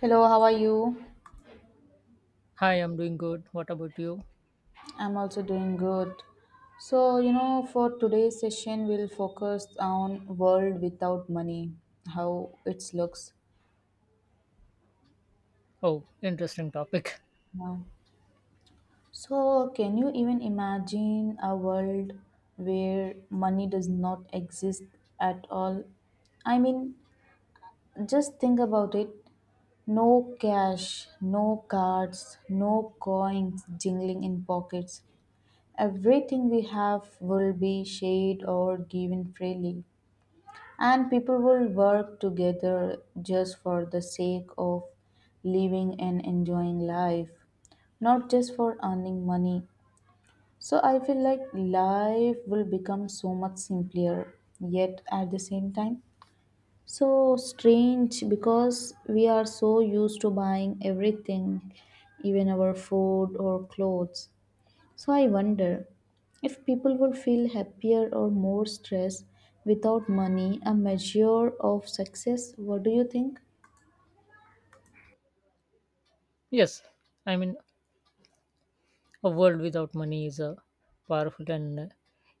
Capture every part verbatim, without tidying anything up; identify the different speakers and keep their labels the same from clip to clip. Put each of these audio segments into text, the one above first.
Speaker 1: Hello, how are you?
Speaker 2: Hi, I'm doing good. What about you?
Speaker 1: I'm also doing good. So, you know, for today's session, we'll focus on world without money, how it looks
Speaker 2: Oh, interesting topic.
Speaker 1: now. So, can you even imagine a world where money does not exist at all? I mean, just think about it. No cash, no cards, no coins jingling in pockets. Everything we have will be shared or given freely, and people will work together just for the sake of living and enjoying life, not just for earning money. So, I feel like life will become so much simpler, yet at the same time, so strange because we are so used to buying everything, even our food or clothes. So I wonder if people would feel happier or more stressed without money, a measure of success. What do you think?
Speaker 2: Yes, I mean, a world without money is a powerful and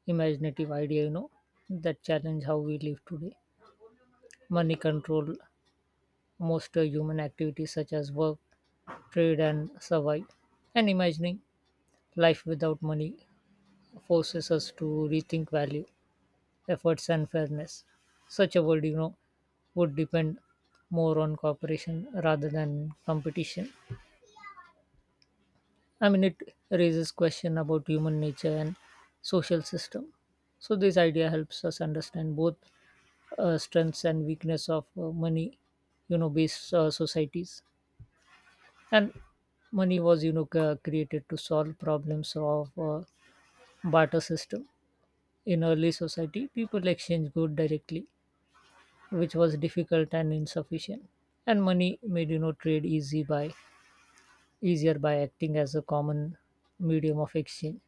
Speaker 2: imaginative idea, you know, that challenge how we live today. Money control most uh, human activities such as work, trade, and survive. And imagining life without money forces us to rethink value, efforts, and fairness. Such a world, you know, would depend more on cooperation rather than competition. I mean, it raises question about human nature and social system. So this idea helps us understand both uh, strengths and weakness of uh, money, you know, based uh, societies. And money was, you know, c- created to solve problems of uh, barter system. In early society, people exchanged good directly, which was difficult and insufficient. And money made, you know, trade easy by easier by acting as a common medium of exchange.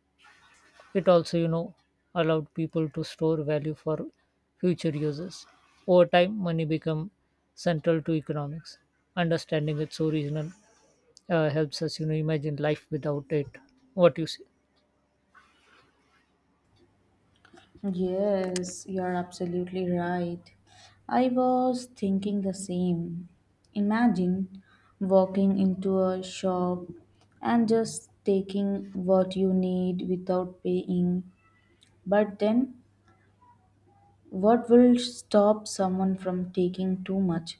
Speaker 2: It also, you know, allowed people to store value for future uses. Over time, money became central to economics. Understanding its origin uh, helps us, you know, imagine life without it. What you say?
Speaker 1: Yes, you're absolutely right. I was thinking the same. Imagine walking into a shop and just taking what you need without paying. But then, what will stop someone from taking too much?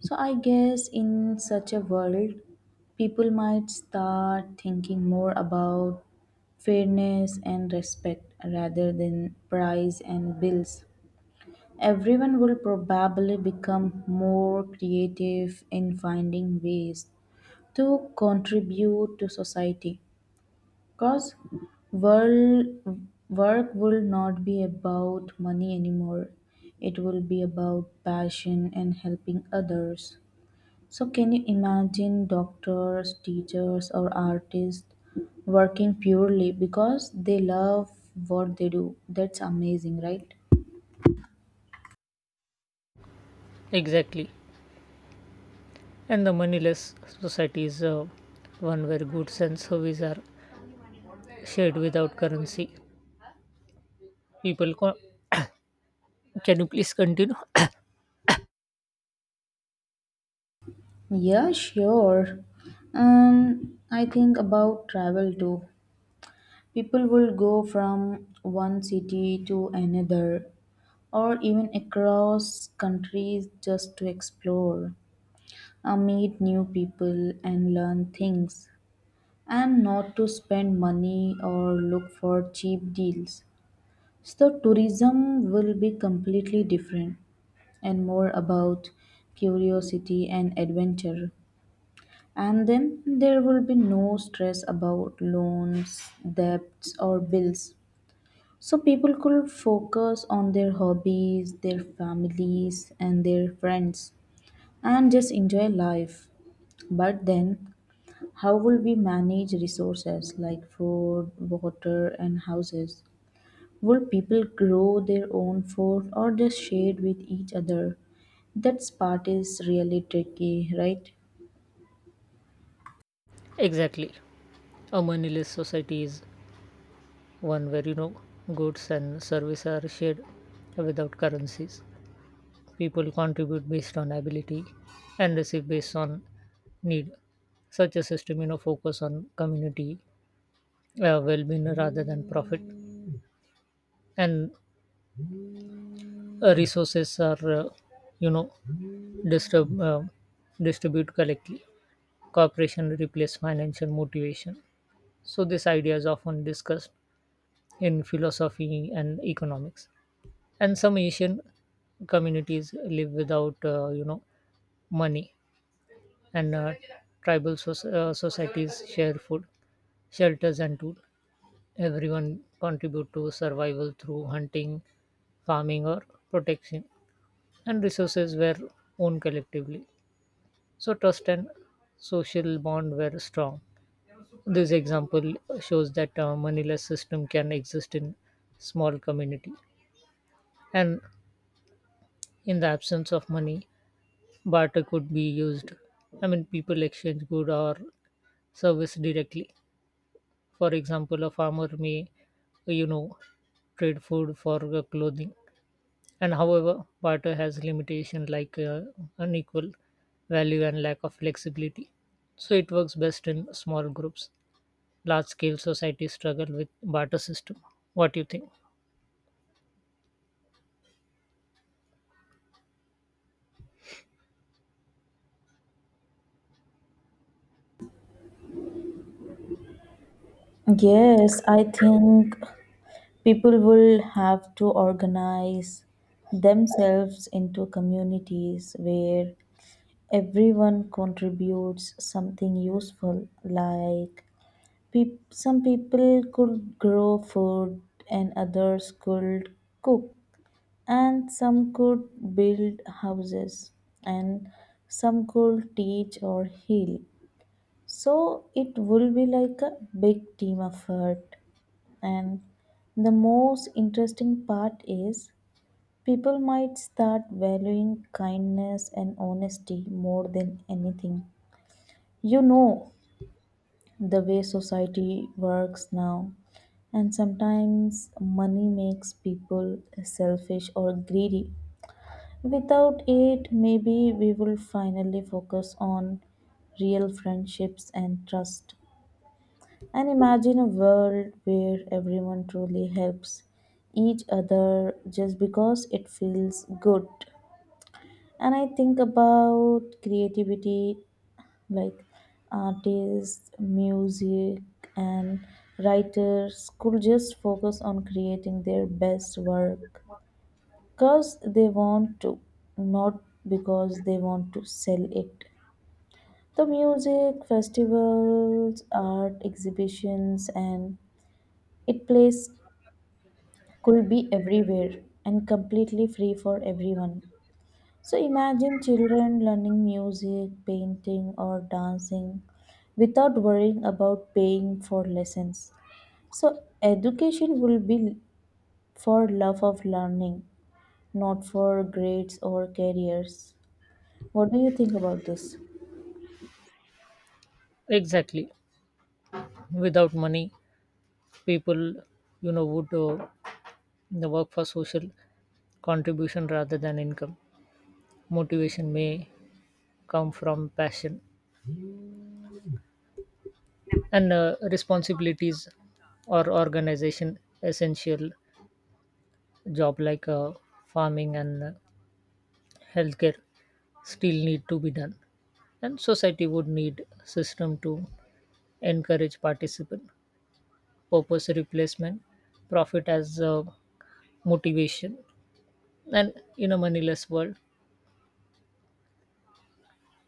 Speaker 1: So I guess in such a world, people might start thinking more about fairness and respect rather than price and bills. Everyone will probably become more creative in finding ways to contribute to society, because world work will not be about money anymore. It will be about passion and helping others. So, can you imagine doctors, teachers, or artists working purely because they love what they do? That's amazing, right?
Speaker 2: Exactly. And the moneyless society is uh, one where goods and services are shared without currency. People, co- can you please continue?
Speaker 1: Yeah, sure. Um, I think about travel too. People will go from one city to another or even across countries just to explore, uh, meet new people, and learn things, and not to spend money or look for cheap deals. So, tourism will be completely different and more about curiosity and adventure. And then there will be no stress about loans, debts, or bills. So, people could focus on their hobbies, their families, and their friends and just enjoy life. But then, how will we manage resources like food, water, and houses? Will people grow their own food or just share with each other? That part is really tricky, right?
Speaker 2: Exactly. A moneyless society is one where you know goods and services are shared without currencies. People contribute based on ability and receive based on need. Such a system, you know, focus on community uh, well-being rather than profit, and uh, resources are, uh, you know, disturb, uh, distribute collectively. Cooperation replace financial motivation. So this idea is often discussed in philosophy and economics. And some Asian communities live without, uh, you know, money and uh, tribal soc- uh, societies share food, shelters, and tools. Everyone contribute to survival through hunting, farming, or protection, and resources were owned collectively. So trust and social bond were strong. This example shows that a moneyless system can exist in small community, and in the absence of money, barter could be used. I mean, people exchange good or service directly. For example, a farmer may, you know, trade food for uh, clothing. And however, barter has limitation like uh, unequal value and lack of flexibility. So it works best in small groups. Large scale societies struggle with barter system. What do you think?
Speaker 1: Yes, I think people will have to organize themselves into communities where everyone contributes something useful. Like, Peop some people could grow food and others could cook, and some could build houses, and some could teach or heal. So it will be like a big team effort, and the most interesting part is people might start valuing kindness and honesty more than anything, you know the way society works now. And sometimes money makes people selfish or greedy. Without it, maybe we will finally focus on real friendships and trust. And imagine a world where everyone truly helps each other just because it feels good. And I think about creativity, like artists, music, and writers could just focus on creating their best work because they want to, not because they want to sell it. The music festivals, art exhibitions, and it place could be everywhere and completely free for everyone. So imagine children learning music, painting, or dancing without worrying about paying for lessons. So education will be for love of learning, not for grades or careers. What do you think about this?
Speaker 2: Exactly. Without money, people, you know, would uh, the work for social contribution rather than income. Motivation may come from passion and uh, responsibilities or organization essential job like uh, farming and uh, healthcare still need to be done, and society would need system to encourage participant purpose replacement profit as uh, motivation. And in a moneyless world,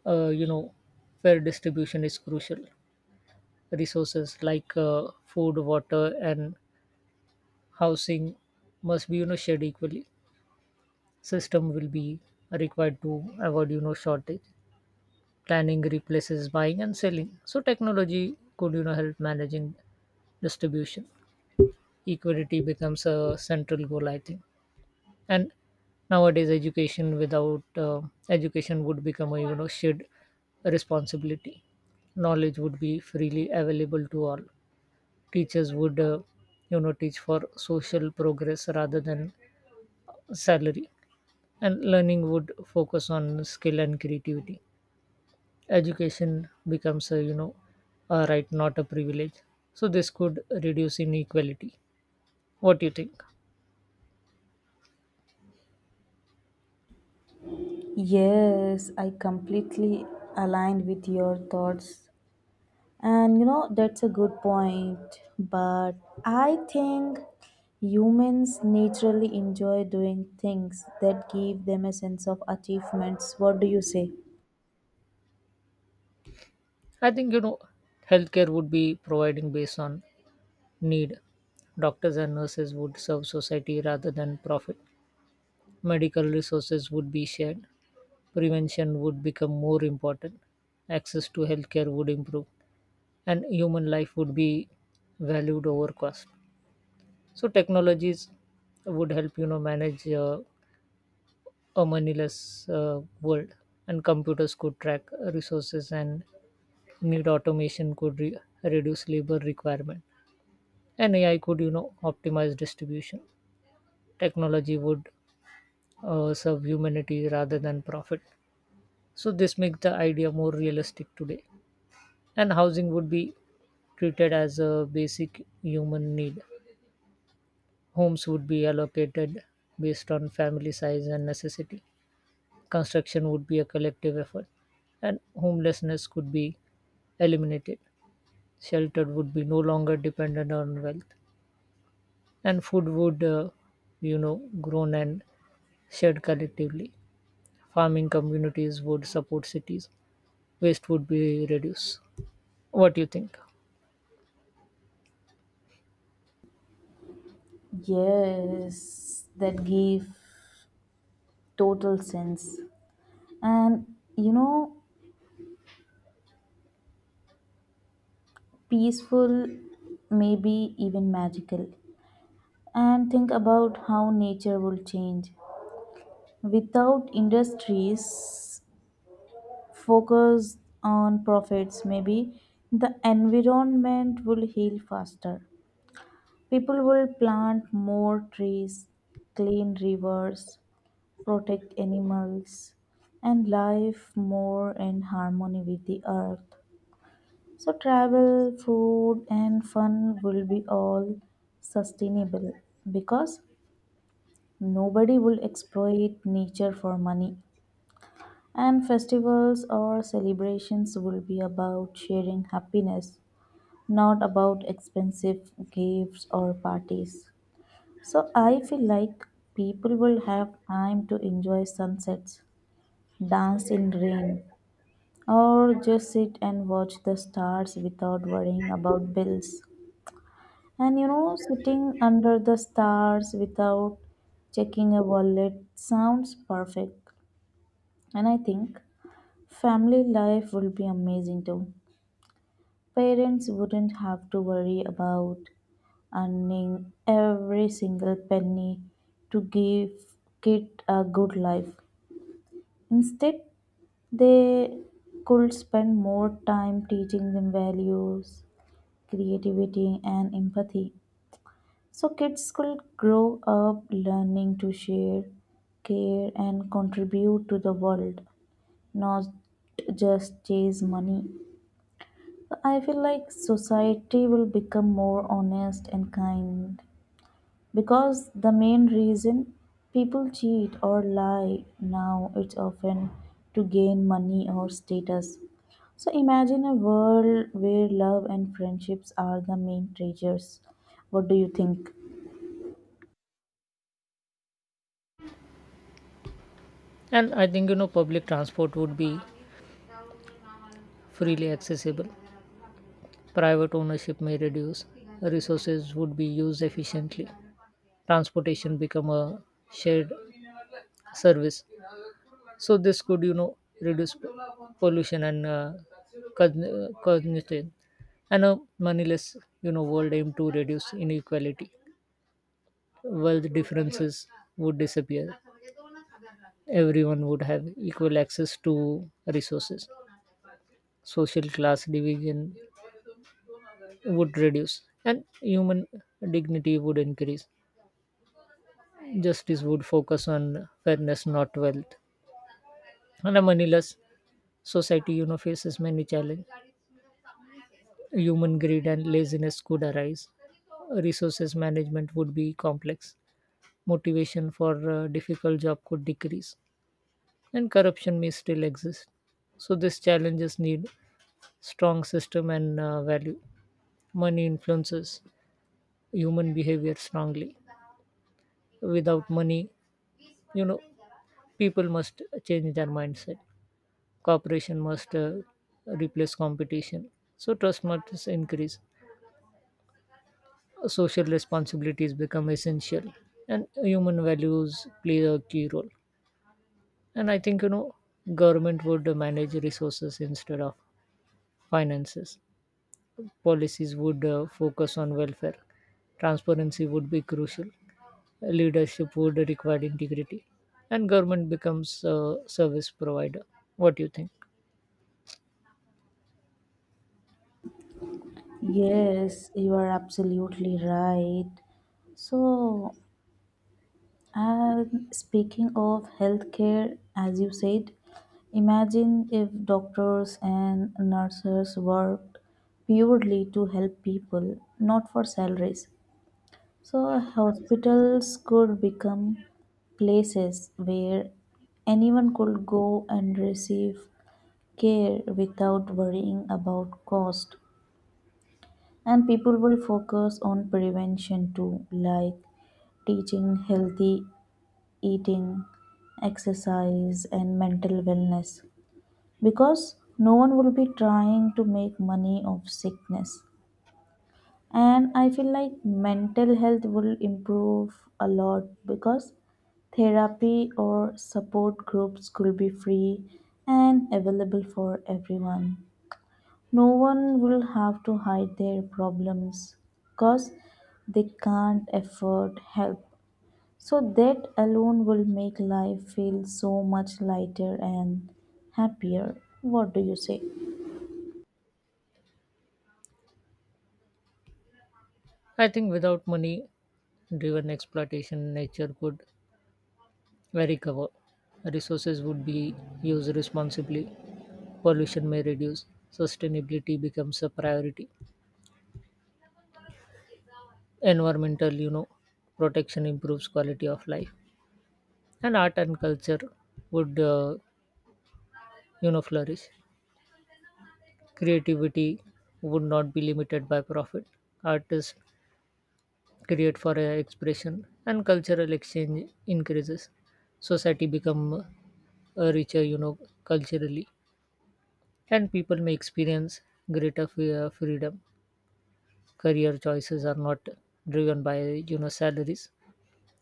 Speaker 2: uh, you know fair distribution is crucial. Resources like uh, food, water, and housing must be, you know shared equally. System will be required to avoid, you know shortage. Planning replaces buying and selling, so technology could, you know help managing distribution. Equality becomes a central goal, I think. And nowadays education without uh, education would become a, you know shared responsibility. Knowledge would be freely available to all. Teachers would, uh, you know teach for social progress rather than salary, and learning would focus on skill and creativity. Education becomes a, you know a right, not a privilege. So this could reduce inequality. What do you think?
Speaker 1: Yes, I completely aligned with your thoughts. And you know, that's a good point. But I think humans naturally enjoy doing things that give them a sense of achievements. What do you say?
Speaker 2: I think, you know healthcare would be providing based on need. Doctors and nurses would serve society rather than profit. Medical resources would be shared. Prevention would become more important. Access to healthcare would improve, and human life would be valued over cost. So technologies would help, you know manage uh, a moneyless uh, world, and computers could track resources and need. Automation could re- reduce labor requirement, and A I could, you know optimize distribution. Technology would uh, serve humanity rather than profit. So this makes the idea more realistic today, and housing would be treated as a basic human need. Homes would be allocated based on family size and necessity. Construction would be a collective effort, and homelessness could be eliminated. Shelter would be no longer dependent on wealth, and food would, uh, you know, grown and shared collectively. Farming communities would support cities. Waste would be reduced. What do you think?
Speaker 1: Yes, that give total sense. And you know, peaceful, maybe even magical. And think about how nature will change. Without industries focus on profits, maybe the environment will heal faster. People will plant more trees, clean rivers, protect animals, and live more in harmony with the earth. So travel, food, and fun will be all sustainable because nobody will exploit nature for money. And festivals or celebrations will be about sharing happiness, not about expensive gifts or parties. So I feel like people will have time to enjoy sunsets, dance in rain, or just sit and watch the stars without worrying about bills. And you know, sitting under the stars without checking a wallet sounds perfect. And I think family life will be amazing too. Parents wouldn't have to worry about earning every single penny to give kid a good life. Instead, they could spend more time teaching them values, creativity and empathy. So kids could grow up learning to share, care and contribute to the world, not just chase money. I feel like society will become more honest and kind because the main reason people cheat or lie now it's often to gain money or status. So imagine a world where love and friendships are the main treasures. What do you think?
Speaker 2: And I think, you know, public transport would be freely accessible. Private ownership may reduce. Resources would be used efficiently. Transportation become a shared service. So this could, you know, reduce p- pollution and uh, cogn- cognition. And a moneyless, you know, world aim to reduce inequality. Wealth differences would disappear. Everyone would have equal access to resources. Social class division would reduce, and human dignity would increase. Justice would focus on fairness, not wealth. And a moneyless society, you know, faces many challenges. Human greed and laziness could arise. Resources management would be complex. Motivation for a difficult job could decrease. And corruption may still exist. So these challenges need strong system and uh, value. Money influences human behavior strongly. Without money, you know, people must change their mindset. Cooperation must uh, replace competition. So trust must increase. Social responsibilities become essential, and human values play a key role. And I think, you know government would manage resources instead of finances. Policies would uh, focus on welfare. Transparency would be crucial. Leadership would require integrity, and government becomes a service provider. What do you think?
Speaker 1: Yes, you are absolutely right. So, and speaking of healthcare, as you said, imagine if doctors and nurses worked purely to help people, not for salaries. So, hospitals could become places where anyone could go and receive care without worrying about cost. And people will focus on prevention too, like teaching healthy eating, exercise, and mental wellness, because no one will be trying to make money off sickness. And I feel like mental health will improve a lot because therapy or support groups could be free and available for everyone. No one will have to hide their problems because they can't afford help. So that alone will make life feel so much lighter and happier. What do you say?
Speaker 2: I think without money driven exploitation, nature could recover. Resources would be used responsibly. Pollution may reduce. Sustainability becomes a priority. Environmental, you know protection improves quality of life. And art and culture would, uh, you know flourish. Creativity would not be limited by profit. Artists create for uh, expression, and cultural exchange increases. Society become uh, richer, you know culturally, and people may experience greater free- uh, freedom. Career choices are not driven by, you know salaries.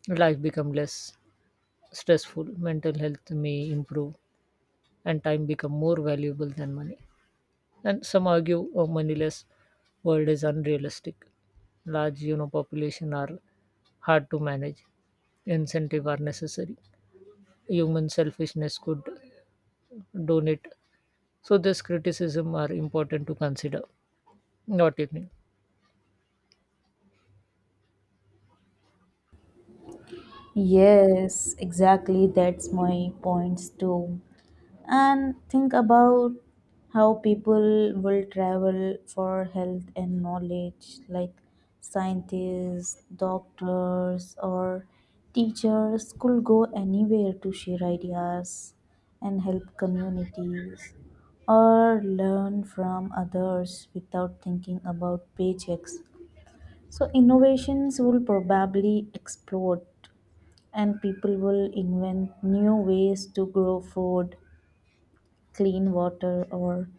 Speaker 2: Life become less stressful, mental health may improve, and time become more valuable than money. And some argue a moneyless world is unrealistic. Large, you know, population are hard to manage. Incentive are necessary. Human selfishness could donate. So this criticism are important to consider. Not evening.
Speaker 1: Yes, exactly. That's my points too. And think about how people will travel for health and knowledge, like scientists, doctors, or teachers could go anywhere to share ideas and help communities or learn from others without thinking about paychecks. So innovations will probably explode, and people will invent new ways to grow food, clean water, or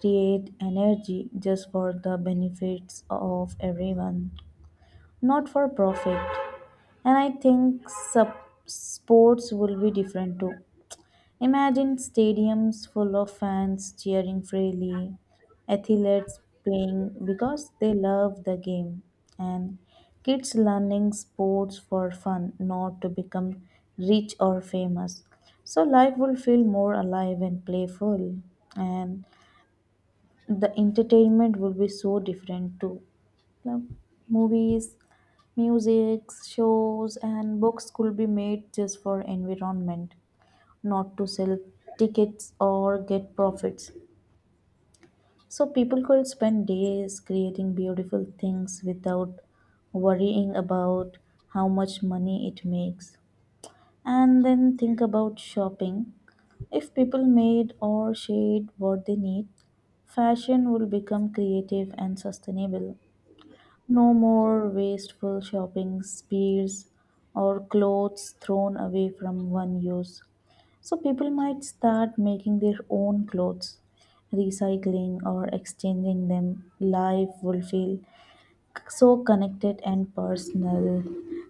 Speaker 1: create energy just for the benefits of everyone, not for profit. And I think sub- sports will be different too. Imagine stadiums full of fans cheering freely, athletes playing because they love the game, and kids learning sports for fun, not to become rich or famous. So life will feel more alive and playful, and the entertainment will be so different too. Like, movies, music, shows, and books could be made just for environment, not to sell tickets or get profits. So people could spend days creating beautiful things without worrying about how much money it makes. And then think about shopping. If people made or shared what they need, fashion will become creative and sustainable. No more wasteful shopping, spears, or clothes thrown away from one use. So people might start making their own clothes, recycling or exchanging them. Life will feel so connected and personal.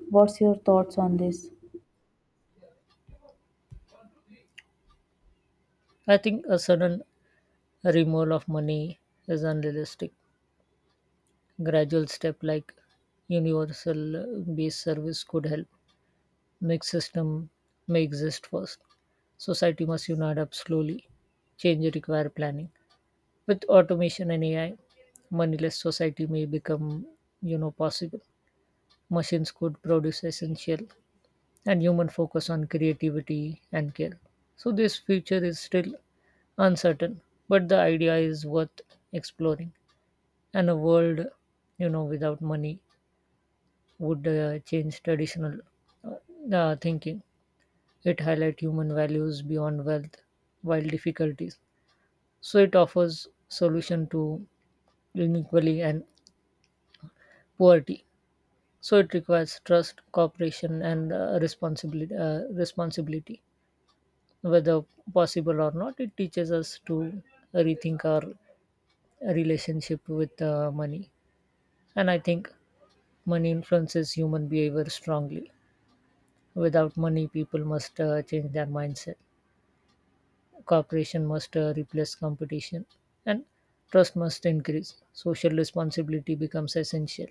Speaker 1: What's your thoughts on this?
Speaker 2: I think a sudden removal of money is unrealistic. Gradual step like universal uh, base service could help. Mixed system may exist first. Society must unite up slowly. Change require planning. With automation and A I, moneyless society may become, you know, possible. Machines could produce essential, and human focus on creativity and care. So this future is still uncertain, but the idea is worth exploring. And a world, you know, without money would uh, change traditional uh, uh, thinking. It highlights human values beyond wealth while difficulties. So it offers solution to inequality and poverty. So it requires trust, cooperation, and uh, responsibility. Uh, responsibility, whether possible or not, it teaches us to rethink our relationship with uh, money. And I think money influences human behavior strongly. Without money, people must uh, change their mindset. Cooperation must uh, replace competition, and trust must increase. Social responsibility becomes essential.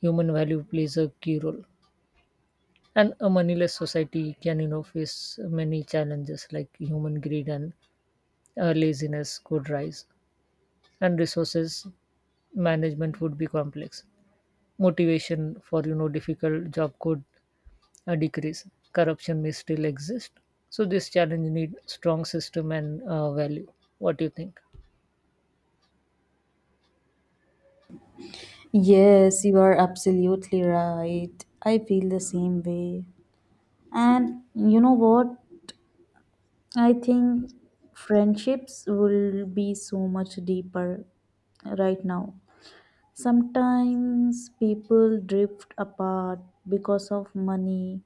Speaker 2: Human value plays a key role. And a moneyless society can, you know, face many challenges like human greed and uh, laziness could rise, and resources management would be complex. Motivation for, you know difficult job could uh, decrease. Corruption may still exist. So this challenge need strong system and uh, value. What do you think?
Speaker 1: Yes, you are absolutely right. I feel the same way. And you know what? I think friendships will be so much deeper right now. Sometimes people drift apart because of money,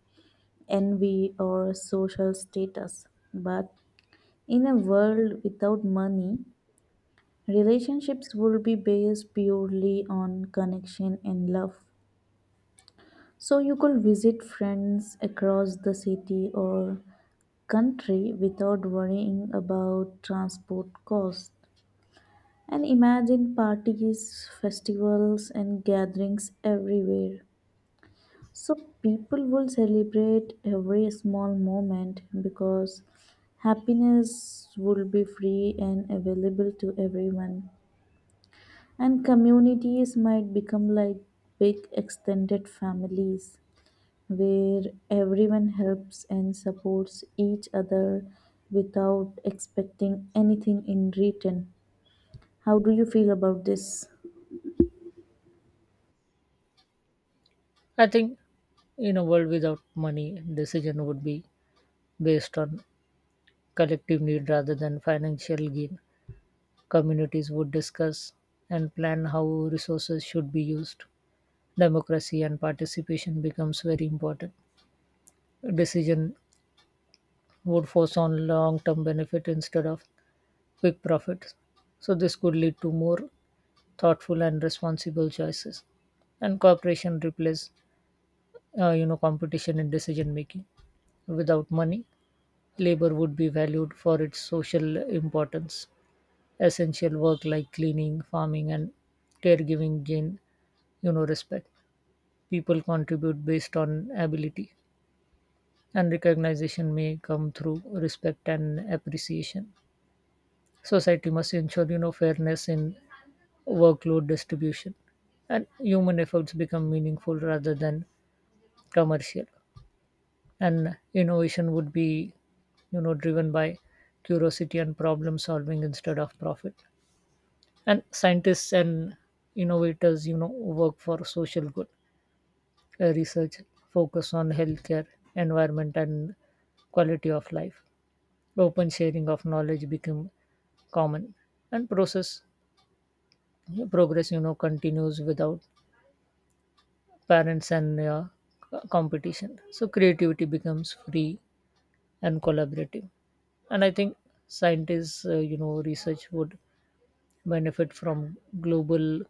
Speaker 1: envy, or social status. But in a world without money, relationships will be based purely on connection and love. So you could visit friends across the city or country without worrying about transport costs. And imagine parties, festivals, and gatherings everywhere. So people will celebrate every small moment because happiness will be free and available to everyone. And communities might become like big extended families where everyone helps and supports each other without expecting anything in return. How do you feel about this?
Speaker 2: I think in a world without money, decision would be based on collective need rather than financial gain. Communities would discuss and plan how resources should be used. Democracy and participation becomes very important. Decision would focus on long-term benefit instead of quick profits. So this could lead to more thoughtful and responsible choices. And cooperation replace, uh, you know competition in decision making. Without money, labor would be valued for its social importance; essential work like cleaning, farming, and caregiving gain, you know, respect. People contribute based on ability, and recognition may come through respect and appreciation. Society must ensure, you know fairness in workload distribution, and human efforts become meaningful rather than commercial. And innovation would be, you know driven by curiosity and problem solving instead of profit, and scientists and innovators, you know work for social good. Uh, research focus on healthcare, environment, and quality of life. Open sharing of knowledge became common, and process progress, you know continues without parents and uh, c- competition. So creativity becomes free and collaborative. And I think scientists, uh, you know research would benefit from global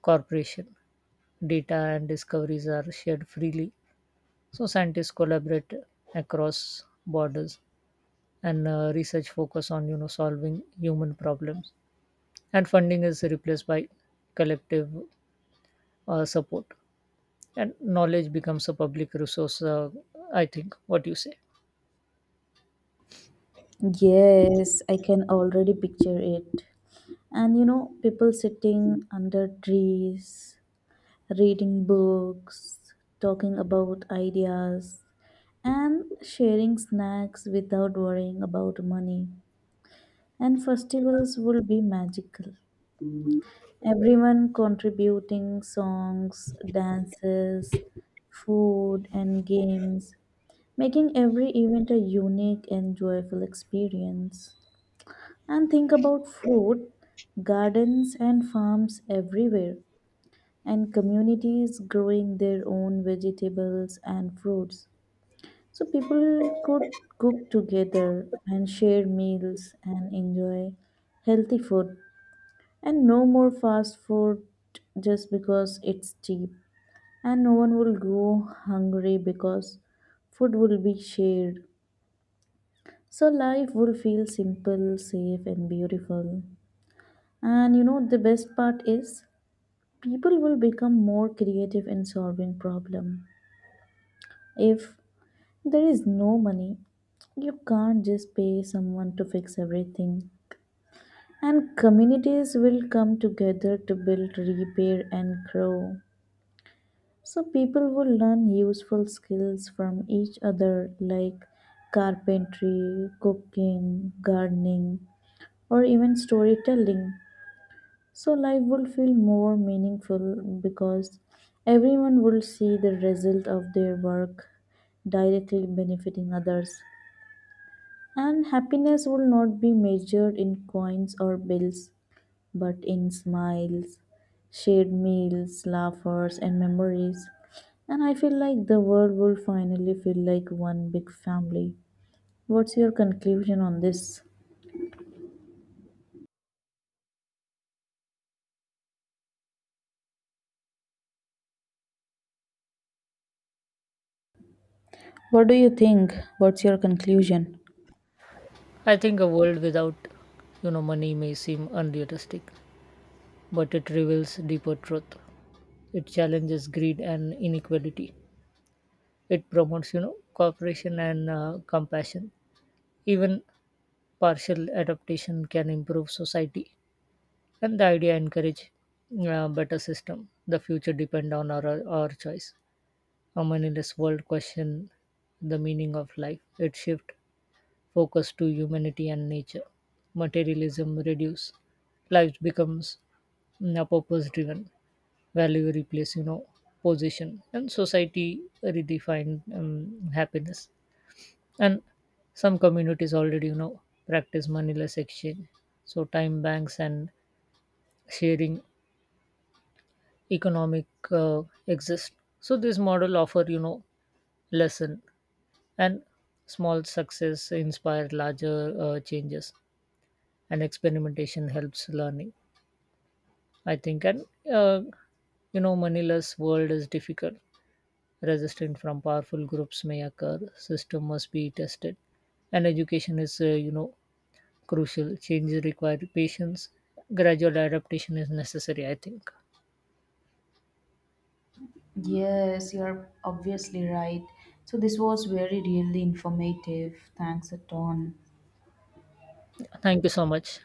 Speaker 2: corporation. Data and discoveries are shared freely, so scientists collaborate across borders, and uh, research focus on, you know solving human problems. And funding is replaced by collective uh, support, and knowledge becomes a public resource. Uh, I think. What you say?
Speaker 1: Yes, I can already picture it. And you know, people sitting under trees, reading books, talking about ideas, and sharing snacks without worrying about money. And festivals will be magical. Everyone contributing songs, dances, food, and games, making every event a unique and joyful experience. And think about food, gardens and farms everywhere, and communities growing their own vegetables and fruits. So people could cook together and share meals and enjoy healthy food. And no more fast food just because it's cheap. And no one will go hungry because food will be shared. So life will feel simple, safe, and beautiful. And you know, the best part is people will become more creative in solving problem. If there is no money, you can't just pay someone to fix everything. And communities will come together to build, repair and grow. So people will learn useful skills from each other, like carpentry, cooking, gardening, or even storytelling. So life will feel more meaningful because everyone will see the result of their work directly benefiting others. And happiness will not be measured in coins or bills, but in smiles, shared meals, laughers, and memories. And I feel like the world will finally feel like one big family. What's your conclusion on this? What do you think? What's your conclusion?
Speaker 2: I think a world without, you know money may seem unrealistic, but it reveals deeper truth. It challenges greed and inequality. It promotes, you know cooperation and uh, compassion. Even partial adaptation can improve society, and the idea encourage uh, better system. The future depend on our, our choice. A meaningless world question the meaning of life. It shift focus to humanity and nature. Materialism reduce. Life becomes, mm, purpose driven. Value replace, you know position, and society redefine, um, happiness. And some communities already, you know practice moneyless exchange. So time banks and sharing economic uh, exist. So this model offer, you know lesson, and small success inspire larger uh, changes, and experimentation helps learning, I think. And uh, you know moneyless world is difficult. Resistance from powerful groups may occur. System must be tested, and education is, uh, you know crucial. Changes require patience. Gradual adaptation is necessary, I think.
Speaker 1: Yes, you're obviously right. So this was very really informative. Thanks a ton.
Speaker 2: Thank you so much.